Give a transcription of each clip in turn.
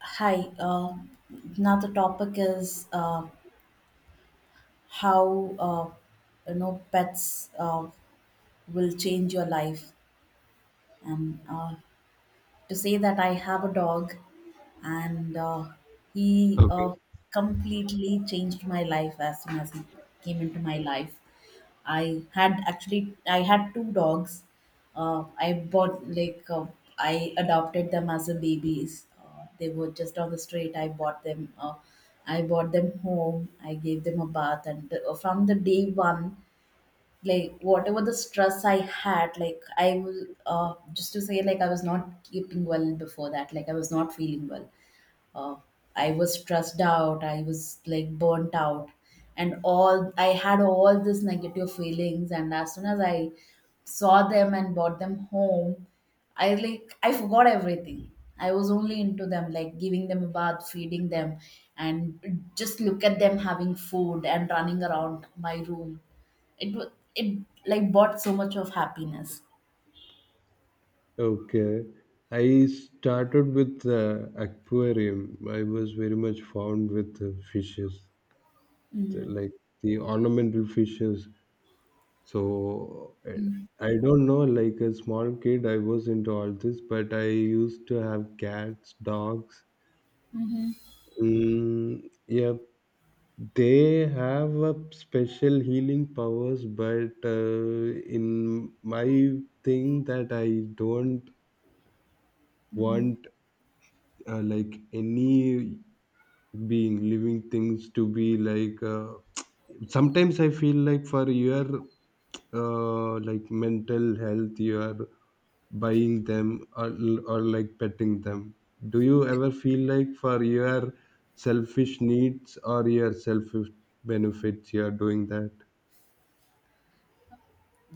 Hi. Now the topic is how pets will change your life. And to say that I have a dog, and he Okay, completely changed my life as soon as he came into my life. I had two dogs. I bought like I adopted them as a babies. They were just on the street. I bought them. I brought them home. I gave them a bath, and from the day one, like whatever the stress I had, like I was just to say, like I was not keeping well before that. Like I was not feeling well, uh, I was stressed out, I was like burnt out, and all I had all these negative feelings. And as soon as I saw them and brought them home, I forgot everything. I was only into them, like giving them a bath, feeding them, and just look at them having food and running around my room. It like brought so much of happiness. okay. I started with aquarium. I was very much fond with fishes, like the ornamental fishes. So I don't know, like a small kid, I was into all this, but I used to have cats, dogs. Mhm. Mm, yeah, they have a special healing powers, but in my thing that I don't want like any being living things to be like sometimes I feel like for your like mental health you are buying them, or like petting them. Do you ever feel like for your selfish needs or your selfish benefits you are doing that?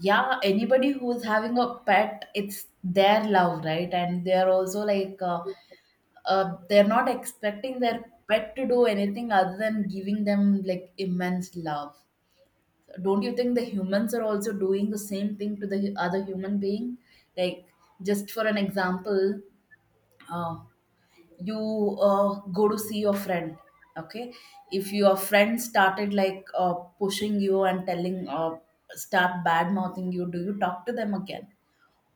Yeah, anybody who's having a pet, it's their love, right? And they're also like they're not expecting their pet to do anything other than giving them like immense love. Don't you think the humans are also doing the same thing to the other human being? Like just for an example, uh, you go to see your friend, okay? If your friend started like pushing you and telling start bad mouthing you, do you talk to them again?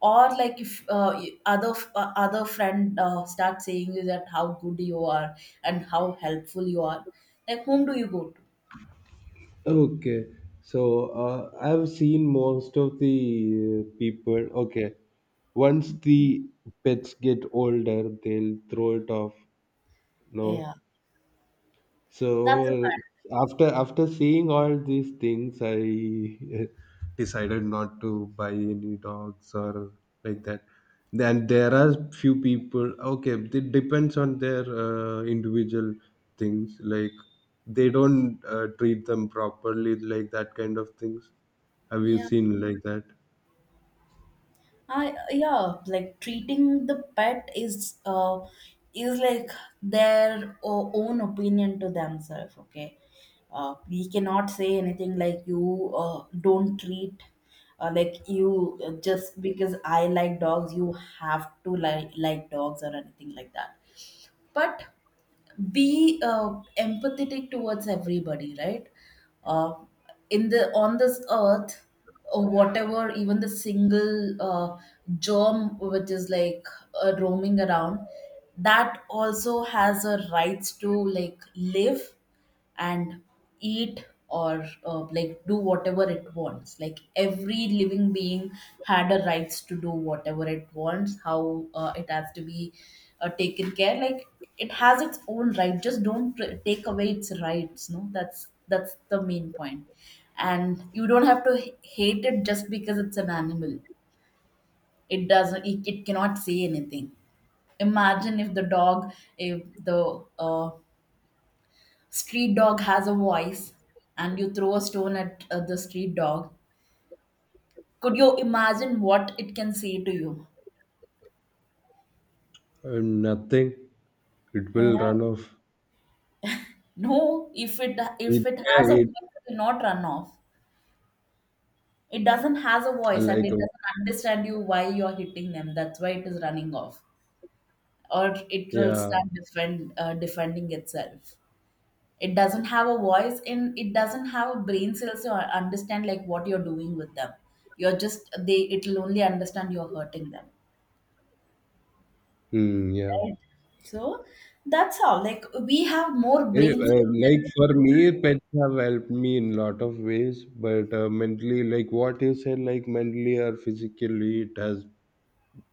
Or like if other friend start saying you that how good you are and how helpful you are, like whom do you go to? Okay, so I've seen most of the people. Okay, once the pets get older, they'll throw it off. No, Yeah, that's a so bad. after seeing all these things, I decided not to buy any dogs or like that. Then there are few people. Okay, it depends on their individual things. Like they don't treat them properly, like that kind of things. Have you yeah seen like that? Yeah, like treating the pet is like their own opinion to themselves, okay? We cannot say anything like, you don't treat, like you just because I like dogs, you have to like dogs or anything like that. But be empathetic towards everybody, right? uh, in the On this earth, or whatever, even the single germ which is like roaming around, that also has a rights to like live and eat or like do whatever it wants. Like every living being had a rights to do whatever it wants. How it has to be taken care, like it has its own right. Just don't take away its rights. No, that's the main point. And you don't have to hate it just because it's an animal. It cannot say anything. Imagine if the dog, if the street dog has a voice, and you throw a stone at the street dog, could you imagine what it can say to you? Nothing. It will Yeah. run off. No, if It, it yeah, has a it voice, it will not run off. It doesn't has a voice, and like it doesn't understand you why you're hitting them. That's why it is running off. Or it will yeah. start defending itself. It doesn't have a voice, and it doesn't have a brain cells to understand like what you're doing with them. You're just they It'll only understand you're hurting them, Hmm, yeah. right? So that's all. Like we have more brain cells than. Like for me, pets have helped me in lot of ways, but mentally, like what you said, like mentally or physically, it has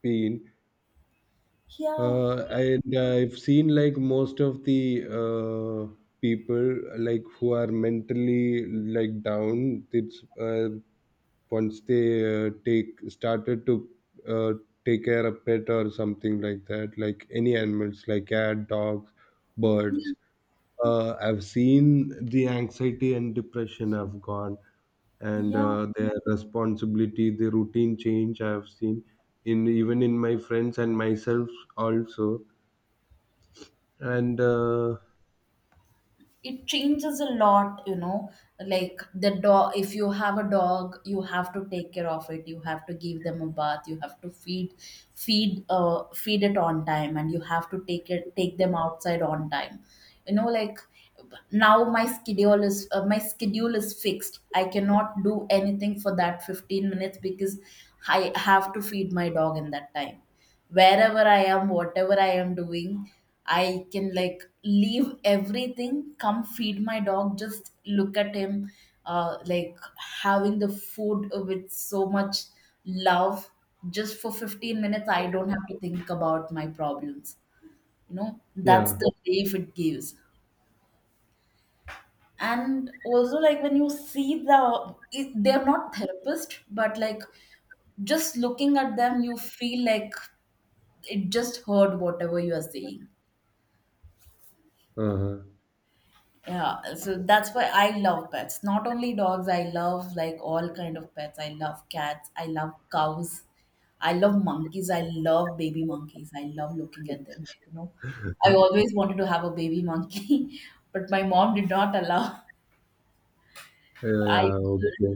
been. Yeah, And I've seen like most of the people like who are mentally like down. It's once they take started to uh, take care of pet or something like that, like any animals, like cat, dogs, birds, I've seen the anxiety and depression have gone, and yeah. Their responsibility, the routine change I've seen in even in my friends and myself also. And It changes a lot, you know. Like the dog, if you have a dog, you have to take care of it. You have to give them a bath. You have to feed it on time, and you have to take them outside on time. You know, like now my schedule is fixed. I cannot do anything for that 15 minutes because I have to feed my dog in that time. Wherever I am, whatever I am doing, I can like leave everything, come feed my dog, just look at him, like having the food with so much love. Just for 15 minutes, I don't have to think about my problems. You know, that's yeah, the relief it gives. And also, like when you see they're not therapist, but like just looking at them, you feel like it just heard whatever you are saying. uh, Yeah, so that's why I love pets. Not only dogs, I love like all kind of pets. I love cats, I love cows, I love monkeys, I love baby monkeys. I love looking at them, like, you know. I always wanted to have a baby monkey, but my mom did not allow. yeah, I yeah, okay.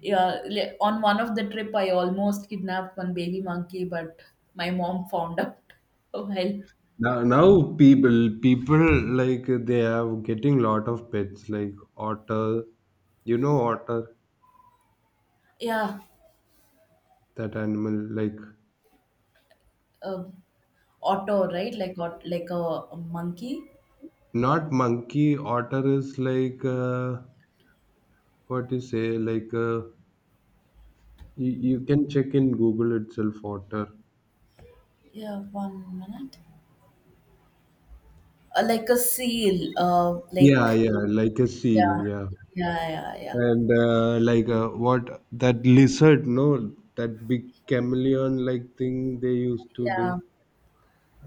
Yeah, on one of the trip, I almost kidnapped one baby monkey, but my mom found out. Well, Now people like they are getting lot of pets like otter. You know otter, yeah, that animal like, um, Otto, right? Like a monkey. not monkey. Otter is like what you say like. You, you can check in Google itself, otter. Yeah, one minute. Like a seal. Yeah, yeah, like a seal, Yeah, yeah. yeah, yeah, yeah, And like what that lizard, no, that big chameleon like thing they used to do. yeah.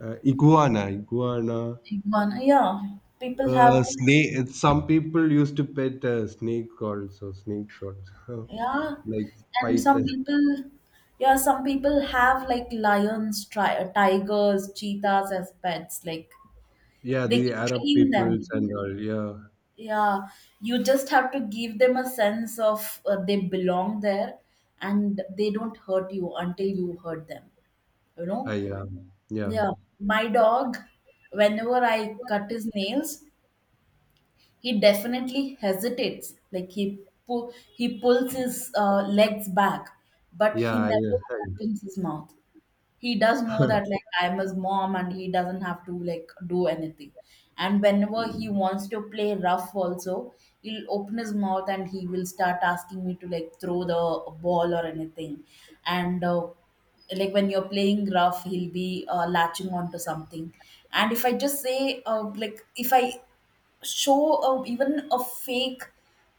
Iguana, iguana. Big one. Yeah, people have. Snake. Some people used to pet snake also, snakes also, Yeah, like and some python. people. Yeah, some people have like lions, tigers, cheetahs as pets. Like Yeah, they the can Arab train peoples them. and all. Yeah, Yeah, you just have to give them a sense of they belong there, and they don't hurt you until you hurt them. You I, know. yeah, yeah, Yeah, my dog, whenever I cut his nails, he definitely hesitates. Like he pulls his legs back, but he yeah. I, never opens his mouth. He does know that like I'm his mom and he doesn't have to like do anything. And whenever he wants to play rough also, he'll open his mouth and he will start asking me to like throw the ball or anything. And like when you're playing rough, he'll be latching onto something. And if I just say, if I show a, even a fake,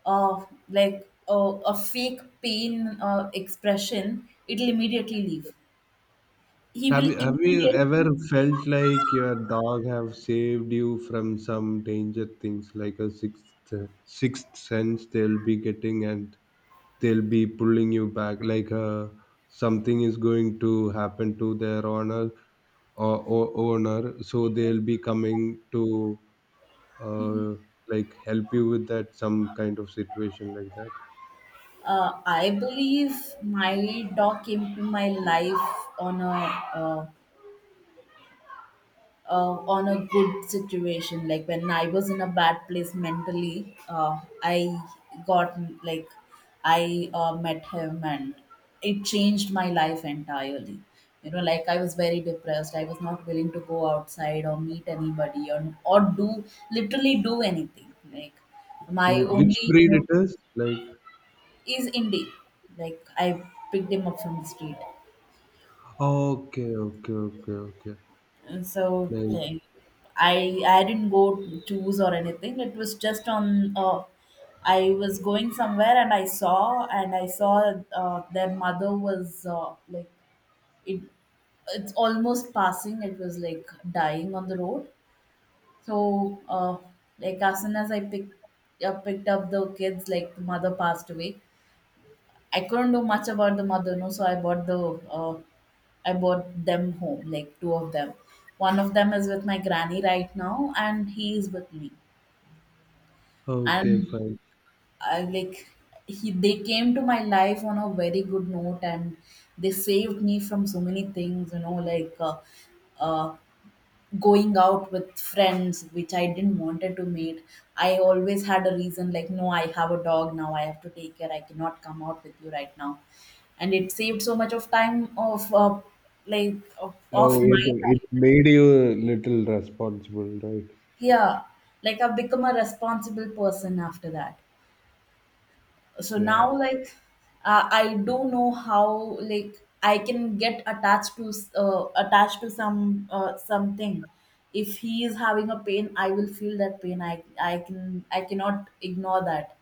a fake pain expression, it'll immediately leave. He Have will you, have you immediately ever felt like your dog have saved you from some danger things like a sixth sense they'll be getting and they'll be pulling you back like something is going to happen to their owner, or owner, so they'll be coming to uh, like help you with that some kind of situation like that. I believe my dog came to my life uh, on a good situation. Like when I was in a bad place mentally, I got, like I met him, and it changed my life entirely. You know, like I was very depressed. I was not willing to go outside or meet anybody, or do literally do anything. Like my Which only breed it is? Like is indie. Like I picked him up from the street. okay, okay, okay, okay. And so Nice. like, I didn't go choose or anything. It was just on. I was going somewhere and I saw their mother was it. It's almost passing. It was like dying on the road. So like as soon as I picked up the kids, like the mother passed away. I couldn't do much about the mother, no. So I bought the, uh, I bought them home, like two of them. One of them is with my granny right now, and he is with me. Okay, And fine. I like he they came to my life on a very good note, and they saved me from so many things. You know, like uh, going out with friends, which I didn't wanted to meet. I always had a reason, like no, I have a dog now. I have to take care. I cannot come out with you right now. And it saved so much of time of, So of my. it made you little responsible, right? Yeah, like I've become a responsible person after that. So Yeah. now, like, I don't know how like I can get attached to some something. If he is having a pain, I will feel that pain. I cannot ignore that.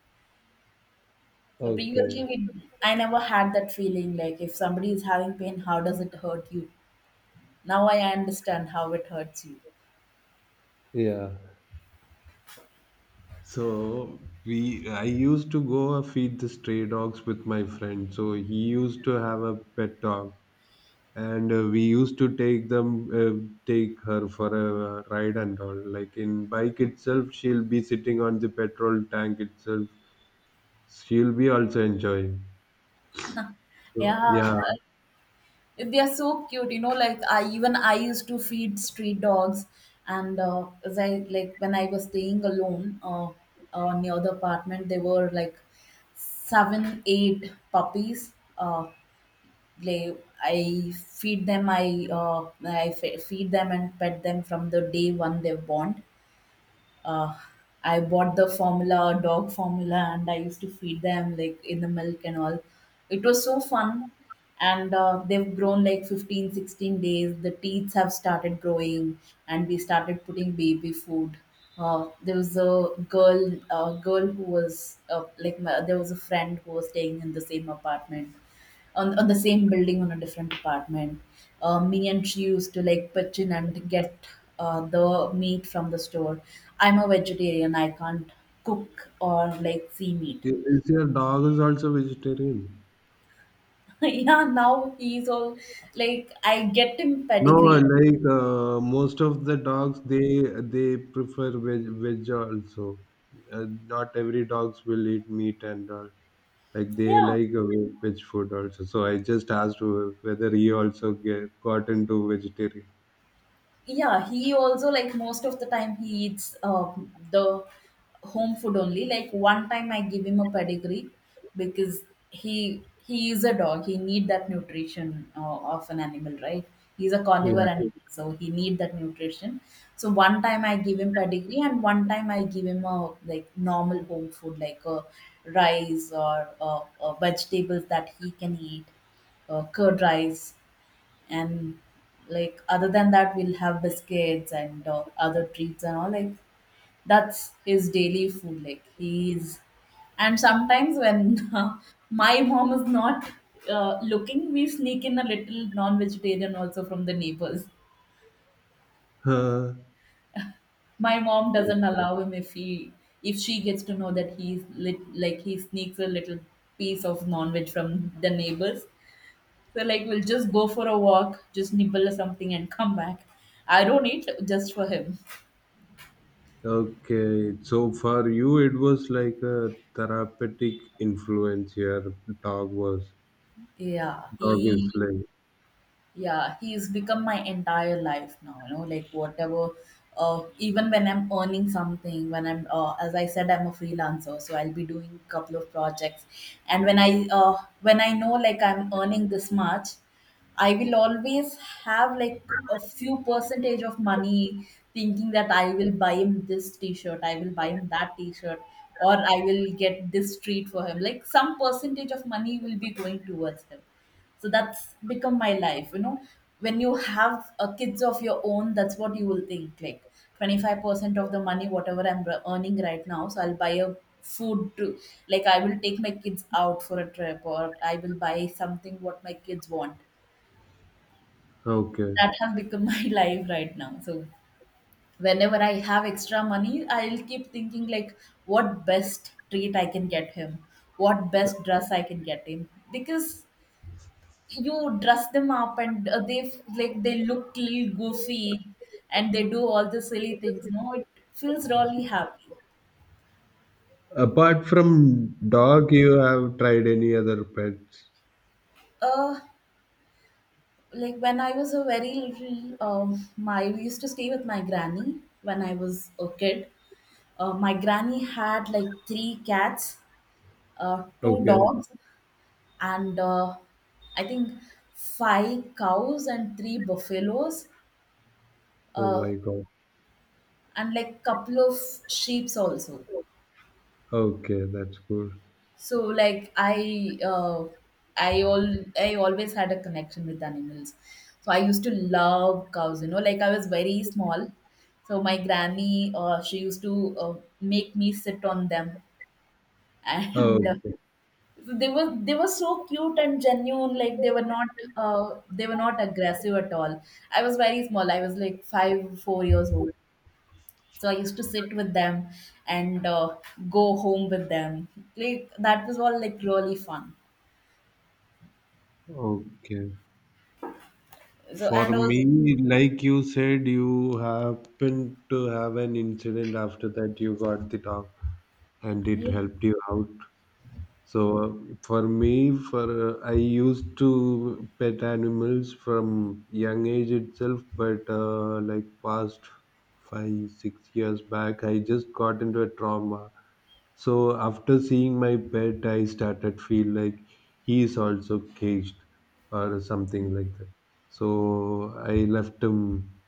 So Okay. previously, I never had that feeling. Like if somebody is having pain, how does it hurt you? Now I understand how it hurts you. Yeah. So we I used to go and feed the stray dogs with my friend. So he used to have a pet dog, and we used to take them, uh, take her for a ride and all. Like in bike itself, she'll be sitting on the petrol tank itself. She'll be also enjoying. So Yeah. yeah, They are so cute, you know. Like I, even I used to feed street dogs, and as I like when I was staying alone, near the apartment, there were like seven, eight puppies. They I feed them. I feed them and pet them from the day one they're born. uh, I bought the formula, dog formula, and I used to feed them like in the milk and all. It was so fun. And they've grown like 15, 16 days. The teeth have started growing, and we started putting baby food. There was a girl who was there was a friend who was staying in the same apartment, on the same building on a different apartment. Me and she used to like pitch in and get the meat from the store. I'm a vegetarian. I can't cook or like see meat. is is your dog is also vegetarian? Yeah, now he's all like I get him No, pedigree. like most of the dogs, they prefer veg also. Not every dogs will eat meat and all. Like they Yeah, like veg food also. So I just asked whether he also get, got into vegetarian. yeah, he also, like, most of the time he eats the home food only. Like, one time I give him a pedigree because he is a dog, he need that nutrition of an animal, right? He's a carnivore. Yeah. Mm. Animal, so he need that nutrition. So one time I give him pedigree and one time I give him, a like, normal home food, like a rice or vegetables that he can eat, curd rice, and like other than that we'll have biscuits and other treats and all. Like, that's his daily food. Like, he's and sometimes when my mom is not looking, we sneak in a little non-vegetarian also from the neighbors. Huh. My mom doesn't allow him. If he, if she gets to know that he's lit, like, he sneaks a little piece of non-veg from the neighbors. So, like, we'll just go for a walk, just nibble something and come back. I don't eat just for him. Okay. So for you, it was like a therapeutic influence. Your dog was Yeah, dog is, he like, yeah, he's become my entire life now, you know, like whatever. Even when I'm earning something, when I'm as I said, I'm a freelancer, so I'll be doing a couple of projects. And when I when I know, like, I'm earning this much, I will always have, like, a few percentage of money, thinking that I will buy him this t-shirt, I will buy him that t-shirt, or I will get this treat for him. Like, some percentage of money will be going towards him. So that's become my life, you know. When you have kids of your own, that's what you will think. Like, 25% of the money whatever I'm r- earning right now, so I'll buy a food to, like, I will take my kids out for a trip, or I will buy something what my kids want. okay. That has become my life right now. So whenever I have extra money, I'll keep thinking like what best treat I can get him, what best dress I can get him, because you dress them up and they, like, they look little goofy, and they do all the silly things, no, it feels really happy. Apart from dog, you have tried any other pets? uh like, when I was a very little, my, we used to stay with my granny when I was a kid. My granny had like 3 cats, two Okay. dogs and I think 5 cows and 3 buffaloes, Oh uh, my God. and like couple of sheeps also. Okay, that's cool. So, like, I all, I always had a connection with animals. So I used to love cows, you know, like I was very small. So my granny she used to make me sit on them and Okay. They were so cute and genuine, like, they were not aggressive at all. I was very small. I was like 5 4 years old. So I used to sit with them and go home with them. Like, that was all, like, really fun. Okay. So For and also, me, like you said, you happened to have an incident after that you got the dog and it yeah, helped you out. So for me, for I used to pet animals from young age itself, but like past 5 6 years back, I just got into a trauma. So after seeing my pet, I started feel like he is also caged or something like that. So I left him,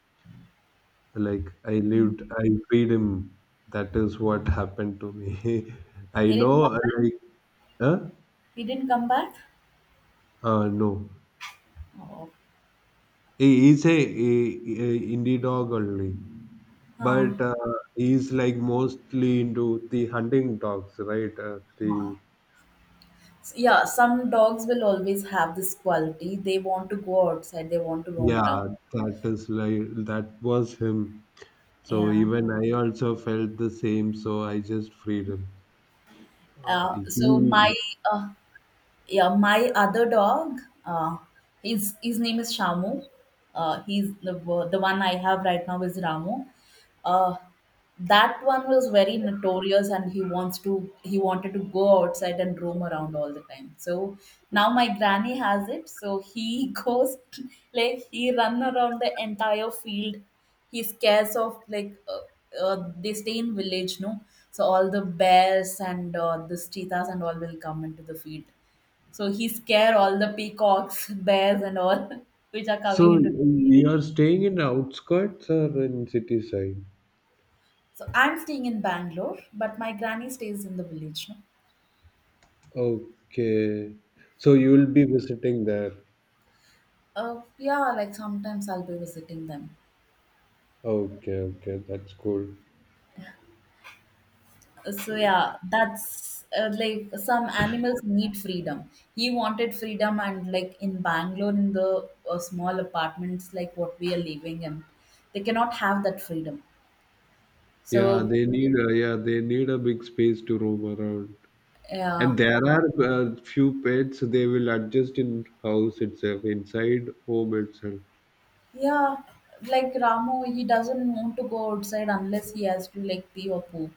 like I freed him. That is what happened to me. I he didn't know, come back. like, huh? He didn't come back. No. Oh, He is a indie dog only, but oh, he is like mostly into the hunting dogs, right? Huh. The Yeah, some dogs will always have this quality. They want to go outside. They want to roam around. yeah, that is like, that was him. So Yeah. even I also felt the same. So I just freed him. He So my uh, yeah, my other dog uh his name is Shamu. He's the one I have right now is Ramu. uh that one was very notorious and he wants to, he wanted to go outside and roam around all the time. So now my granny has it, so he goes, like, he run around the entire field. He scares off like they stay in village, no? So all the bears and the cheetahs and all will come into the field. So he scare all the peacocks, bears, and all which are coming so into. you are staying in outskirts or in city side? So I'm staying in Bangalore, but my granny stays in the village. No? Okay, so you will be visiting there. Yeah, like sometimes I'll be visiting them. Okay, okay, that's cool. So yeah, that's like, some animals need freedom. He wanted freedom, and like in Bangalore, in the small apartments, like what we are living in, they cannot have that freedom. Yeah, So they need a big space to roam around. yeah, And there are few pets they will adjust in house itself, inside home itself. yeah, like Ramu, he doesn't want to go outside unless he has to, like, pee or poop.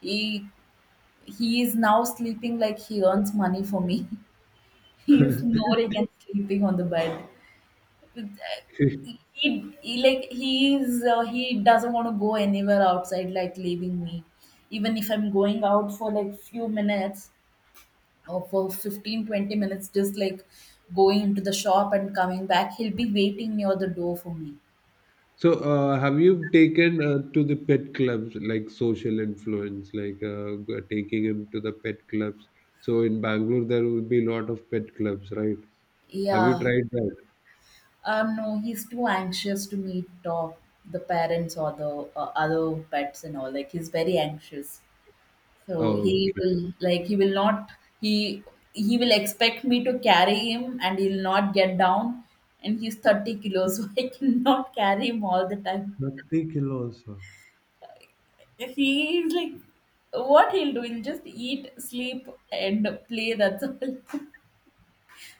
He he is now sleeping, like he earns money for me. He is snoring and sleeping on the bed. He, like, he is he doesn't want to go anywhere outside, like, leaving me. Even if I'm going out for like few minutes or for 15 20 minutes, just like going into the shop and coming back, he'll be waiting near the door for me. So, have you taken to the pet clubs like social influence, like taking him to the pet clubs? So in Bangalore there will be a lot of pet clubs, right? Have you Yeah, tried that? um, no, he's too anxious to meet the parents or the other pets and all. Like, he's very anxious, so he Okay. will, like, he will not he he will expect me to carry him, and he'll not get down. And he's 30 kilos, so I cannot carry him all the time. 30 kilos, huh? If he is like, what he'll do? He'll just eat, sleep, and play. That's all.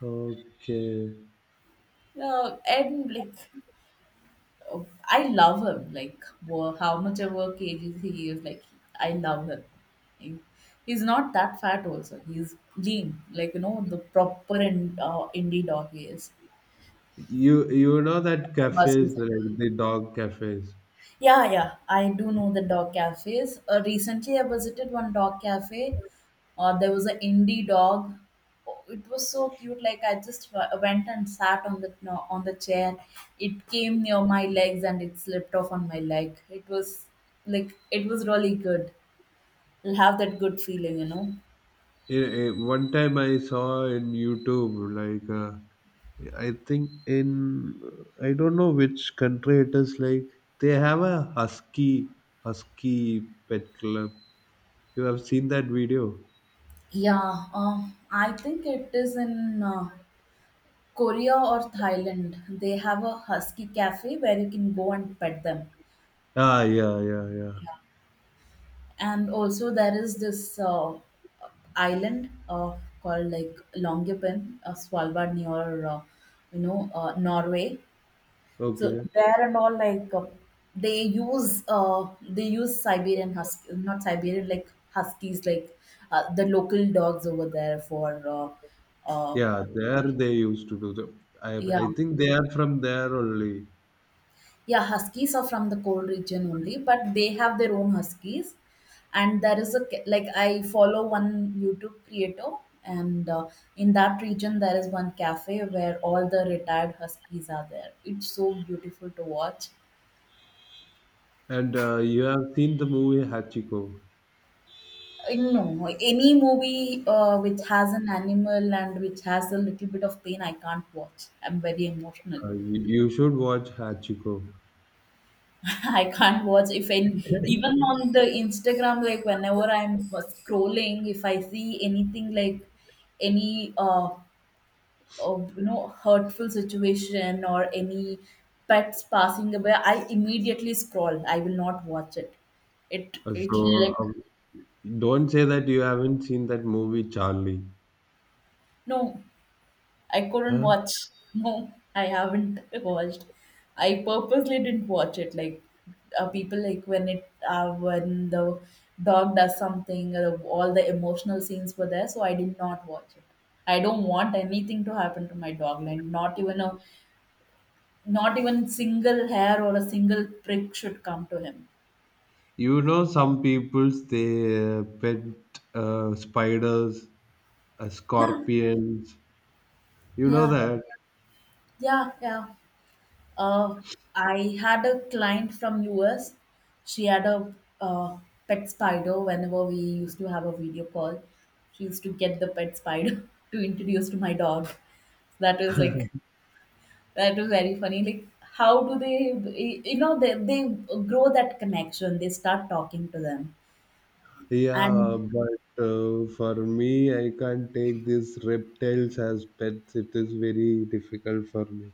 Okay. And like, oh, I love him. Like, wo- how much ever cagey he is, like, I love him. He- He's not that fat, also. He's lean, like, you know, the proper in, indie dog he is. You know that cafes Muscles. like the dog cafes. Yeah, yeah, I do know the dog cafes. Recently, I visited one dog cafe. There was an indie dog. Oh, it was so cute. Like, I just w- went and sat on the no, on the chair. It came near my legs and it slipped off on my leg. It was, like, it was really good. You'll have that good feeling, you know. One time I saw in YouTube, like I think in I don't know which country it is. Like they have a husky pet club. You have seen that video? Yeah, I think it is in Korea or Thailand. They have a husky cafe where you can go and pet them. Ah, yeah, yeah, yeah. And also there is this island called like Longyearbyen, Svalbard near you know, Norway. So Okay, there and all like they use Siberian husky, not Siberian like huskies, like the local dogs over there for uh, yeah. There they used to do the. I yeah. I think they are from there only. Yeah, huskies are from the cold region only, but they have their own huskies. And there is a ca- like, I follow one YouTube creator, and in that region there is one cafe where all the retired huskies are there. It's so beautiful to watch. And you have seen the movie Hachiko. No, any movie which has an animal and which has a little bit of pain, I can't watch. I'm very emotional. You, you should watch Hachiko. I can't watch if in even on the Instagram, like, whenever I'm scrolling, if I see anything like any you know, hurtful situation or any pets passing away, I immediately scroll. I will not watch it. it it so, like, don't say that you haven't seen that movie, Charlie. no, I couldn't Huh? watch. No, I haven't watched. I purposely didn't watch it. Like people, like, when it when the dog does something, all the emotional scenes were there, so I did not watch it. I don't want anything to happen to my dog, like, not even a, not even single hair or a single prick should come to him. You know, some people's they pet spiders, Yeah, scorpions. You know yeah, that? yeah, yeah. Uh, I had a client from US. She had a uh, pet spider. Whenever we used to have a video call, she used to get the pet spider to introduce to my dog. That was like, that was very funny. Like, how do they y- you know, they grow that connection. They start talking to them. Yeah, And but for me, I can't take these reptiles as pets. It is very difficult for me.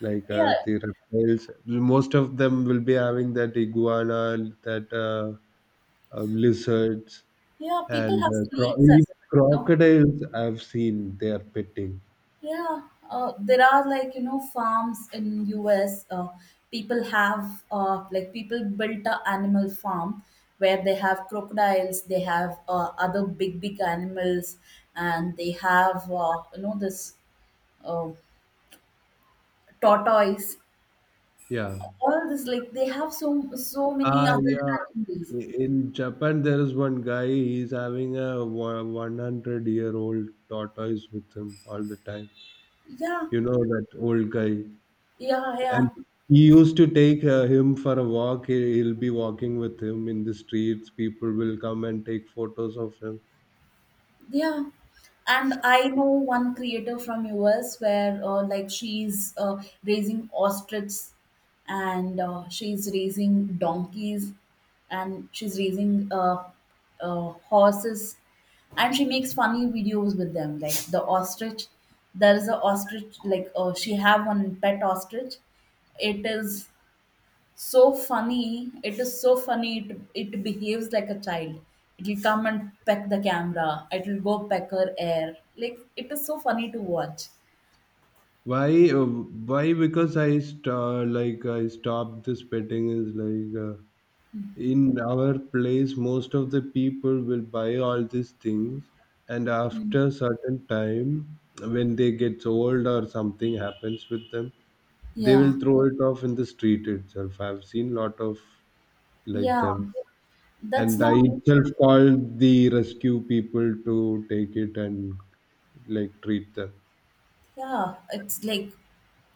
Like yeah, the reptiles, most of them will be having that iguana, that lizards. yeah, people And have snakes as even well. crocodiles I've seen they are petting. Yeah, there are, like, you know, farms in US. People have like, people built a animal farm where they have crocodiles, they have other big big animals, and they have you know, this uh, tortoise. Yeah. All this, like, they have so so many Ah, other yeah. animals. In Japan, there is one guy. He's having a 100-year old tortoise with him all the time. Yeah, You know that old guy, yeah, and yeah. he used to take him for a walk. He'll be walking with him in the streets. People will come and take photos of him. Yeah. And I know one creator from US where like, she's raising ostriches, and she's raising donkeys and she's raising horses, and she makes funny videos with them, like the ostrich, there is a ostrich, like she have one pet ostrich. It is so funny. It is so funny. It behaves like a child. It will come and peck the camera. It will go peck her air. Like, it is so funny to watch. Why? uh, Why? Because like I stopped this petting is like. In our place, most of the people will buy all these things, and after certain time when they get old or something happens with them, they will Yeah, throw it off in the street itself. I've seen lot of like yeah. them, That's and I not. itself called the rescue people to take it and like treat them. Yeah, it's like,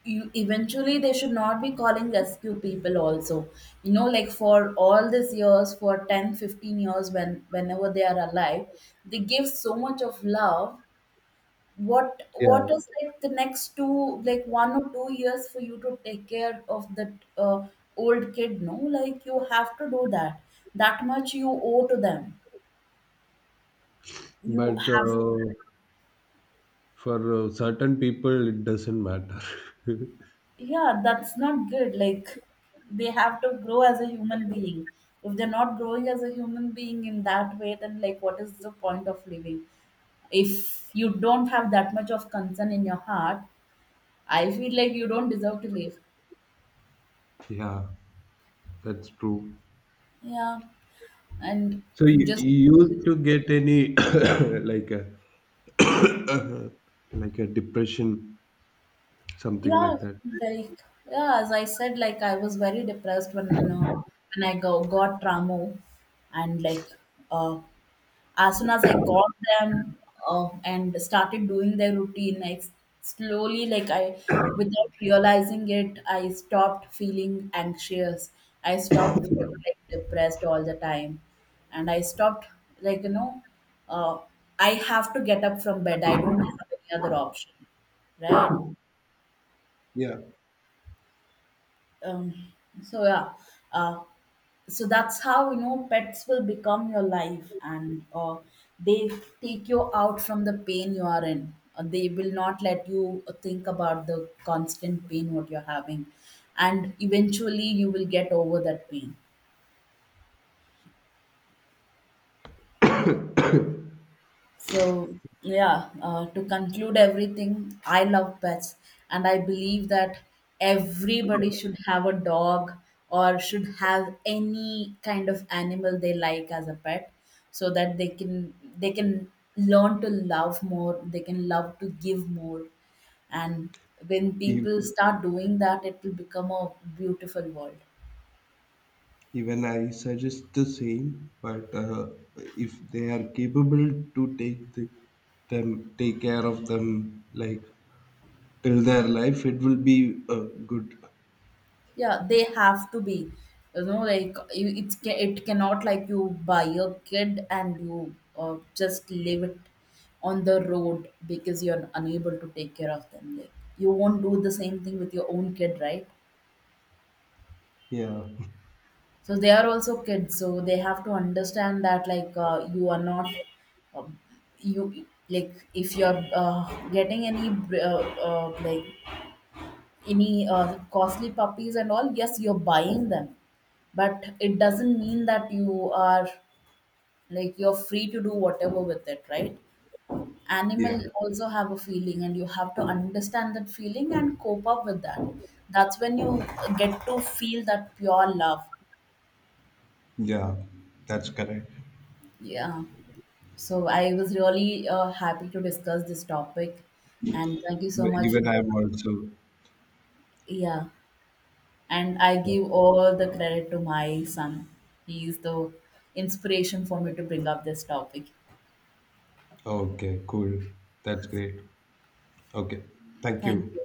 you eventually they should not be calling rescue people also, you know, like, for all these years, for 10, 15 years when, whenever they are alive, they give so much of love. What Yeah, is like the next two like 1 or 2 years for you to take care of that old kid? No, like, you have to do that. That much you owe to them. You but have, for certain people it doesn't matter. yeah, that's not good. Like, they have to grow as a human being. If they're not growing as a human being in that way, then, like, what is the point of living? If you don't have that much of concern in your heart, I feel like you don't deserve to live. Yeah, that's true. Yeah, and So you, just you used to get any like a like a depression, something yeah, like that. like yeah, as I said, like, I was very depressed when I go, got Tramo, and like uh, as soon as I got them and started doing their routine, I s- slowly, like, I, without realizing it, I stopped feeling anxious. I stopped feeling, like, depressed all the time, and I stopped like, you know, uh, I have to get up from bed. I don't have any other option, right? Yeah, Um, so yeah, uh, so that's how, you know, pets will become your life and they take you out from the pain you are in. They will not let you think about the constant pain what you're having, and eventually you will get over that pain. So, yeah, to conclude everything, I love pets, and I believe that everybody should have a dog or should have any kind of animal they like as a pet, so that they can, they can learn to love more, they can love to give more, and when ev- people start doing that, it will become a beautiful world. even I suggest the same, but if they are capable to take care of them, like till their life, it will be good. Yeah, they have to be. You know, like, you, it's ca- it cannot, like, you buy a kid and you just leave it on the road because you're unable to take care of them. Like, you won't do the same thing with your own kid, right? Yeah, So they are also kids, so they have to understand that like you are not um, you, like, if you're getting any uh, like, any costly puppies and all, yes you're buying them, but it doesn't mean that you are, like, you're free to do whatever with it, right? Animal yeah, also have a feeling and you have to understand that feeling and cope up with that. That's when you get to feel that pure love. yeah, that's correct. Yeah, so I was really happy to discuss this topic and thank you so much Even for I'm also. yeah, and I Yeah. give all the credit to my son. He is the inspiration for me to bring up this topic. Okay, cool. That's great. Okay, thank Thank you. you.